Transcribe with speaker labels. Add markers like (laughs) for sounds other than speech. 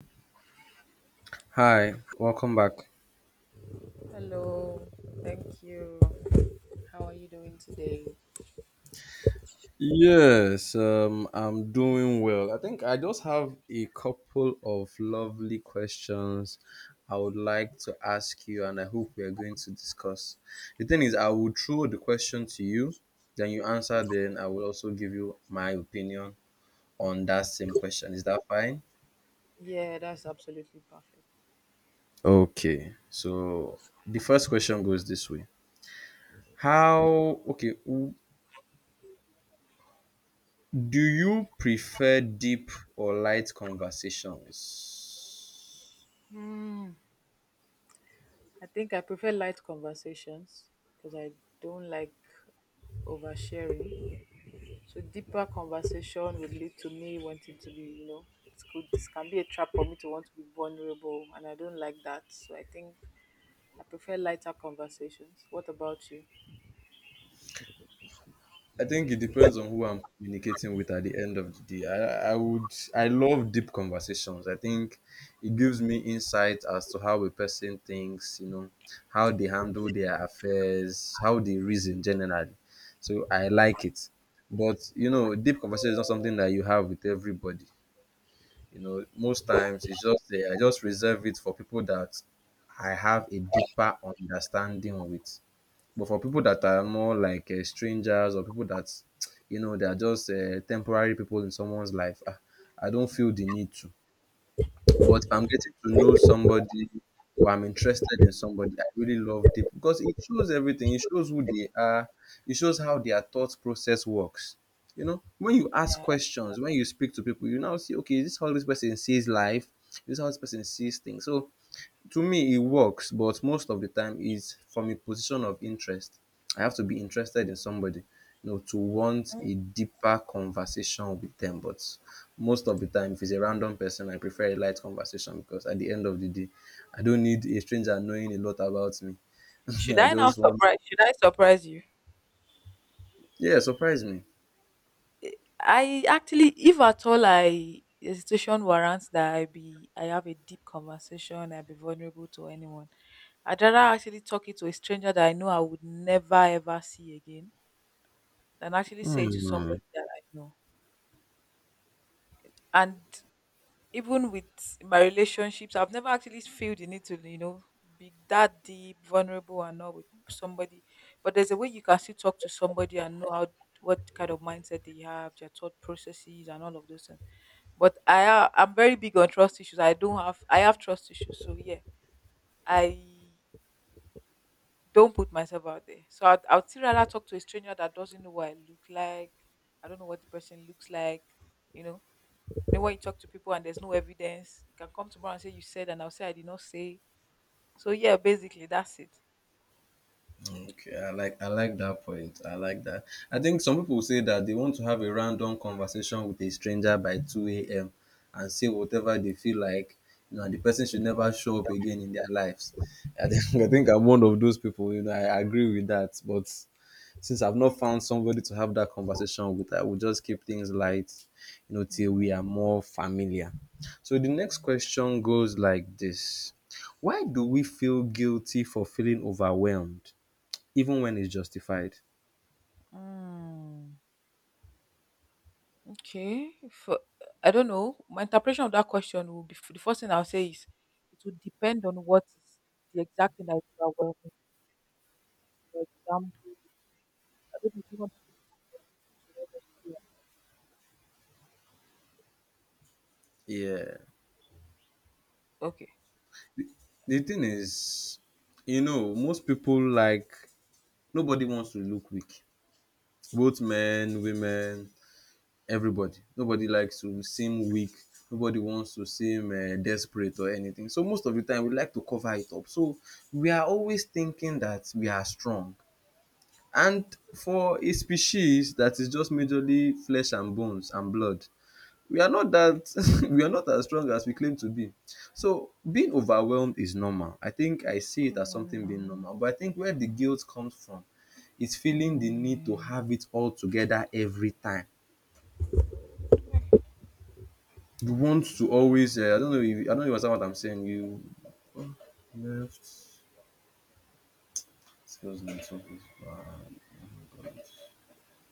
Speaker 1: Hi, welcome back.
Speaker 2: Hello, thank you. How are you doing today?
Speaker 1: Yes, I'm doing well. I think I just have a couple of lovely questions I would like to ask you, and I hope we are going to discuss. The thing is, I will throw the question to you, then you answer, then I will also give you my opinion on that same question. Is that fine?
Speaker 2: Yeah, that's absolutely perfect.
Speaker 1: Okay, so the first question goes this way. Okay, do you prefer deep or light conversations?
Speaker 2: Hmm. I think I prefer light conversations because I don't like oversharing. So deeper conversation would lead to me wanting to be, it's good. This can be a trap for me to want to be vulnerable, and I don't like that. So I think I prefer lighter conversations. What about you?
Speaker 1: I think it depends on who I'm communicating with at the end of the day. I love deep conversations. I think it gives me insight as to how a person thinks, you know, how they handle their affairs, how they reason generally. So I like it. But, you know, deep conversation is not something that you have with everybody. You know, most times it's just I just reserve it for people that I have a deeper understanding with. But for people that are more like strangers, or people that you know they are just temporary people in someone's life, ah, I don't feel the need to. But if I'm getting to know somebody or I'm interested in somebody, I really love deep because it shows everything. It shows who they are. It shows how their thought process works. You know, when you ask questions, when you speak to people, you now see, okay, is this how this person sees life? Is this how this person sees things? So to me it works, but most of the time is from a position of interest. I have to be interested in somebody, you know, to want a deeper conversation with them. But most of the time if it's a random person I prefer a light conversation, because at the end of the day I don't need a stranger knowing a lot about me. (laughs)
Speaker 2: Should
Speaker 1: I
Speaker 2: I now
Speaker 1: just want
Speaker 2: surprise? Should I surprise you?
Speaker 1: yeah, surprise me.
Speaker 2: I actually, if at all, I the situation warrants that I be, I have a deep conversation. I be vulnerable to anyone. I'd rather actually talk it to a stranger that I know I would never ever see again than actually say it to
Speaker 1: Hmm.
Speaker 2: somebody that I know. And even with my relationships, I've never actually felt the need to, you know, be that deep, vulnerable, and all with somebody. But there's a way you can still talk to somebody and know how what kind of mindset they have, their thought processes, and all of those things. But I'm very big on trust issues. I don't have I have trust issues, so yeah, I don't put myself out there. So I'd still rather talk to a stranger that doesn't know what I look like. I don't know what the person looks like, you know, then when you talk to people and there's no evidence, you can come tomorrow and say you said, and I'll say I did not say. So yeah, basically that's it.
Speaker 1: Okay, I like that point. I like that. I think some people say that they want to have a random conversation with a stranger by two a.m. and say whatever they feel like, you know, and the person should never show up again in their lives. I think (laughs) I think I'm one of those people. You know, I agree with that. But since I've not found somebody to have that conversation with, I will just keep things light, you know, till we
Speaker 2: I
Speaker 1: are more familiar. So the next question goes like this: why do we feel guilty for feeling overwhelmed, even when it's justified?
Speaker 2: Mm, okay. I don't know. My interpretation of that question will be the first thing I'll say is it would depend on what is the exact thing that is overwhelming. For example, I don't know. Do you want to give me scenarios or should I just play?
Speaker 1: Yeah.
Speaker 2: Okay.
Speaker 1: The thing is, you know, most people like nobody wants to look weak. Both men, women, everybody. Nobody likes to seem weak. Nobody wants to seem desperate or anything. So most of the time, we like to cover it up. So we are always thinking that we are strong. And for a species that is just majorly flesh and bones and blood, we are not that (laughs) we are not as strong as we claim to be. So being overwhelmed is normal. I think I
Speaker 2: What's
Speaker 1: see it as
Speaker 2: going on
Speaker 1: something being
Speaker 2: now?
Speaker 1: normal. But I think where the guilt comes from is feeling the need to
Speaker 2: Moment.
Speaker 1: have it all together every time. You want to
Speaker 2: God, I
Speaker 1: always. I don't
Speaker 2: beg
Speaker 1: know. If, I don't know
Speaker 2: you.
Speaker 1: if you understand what I'm saying? You oh, left. Excuse me. Something's bad. Oh my God.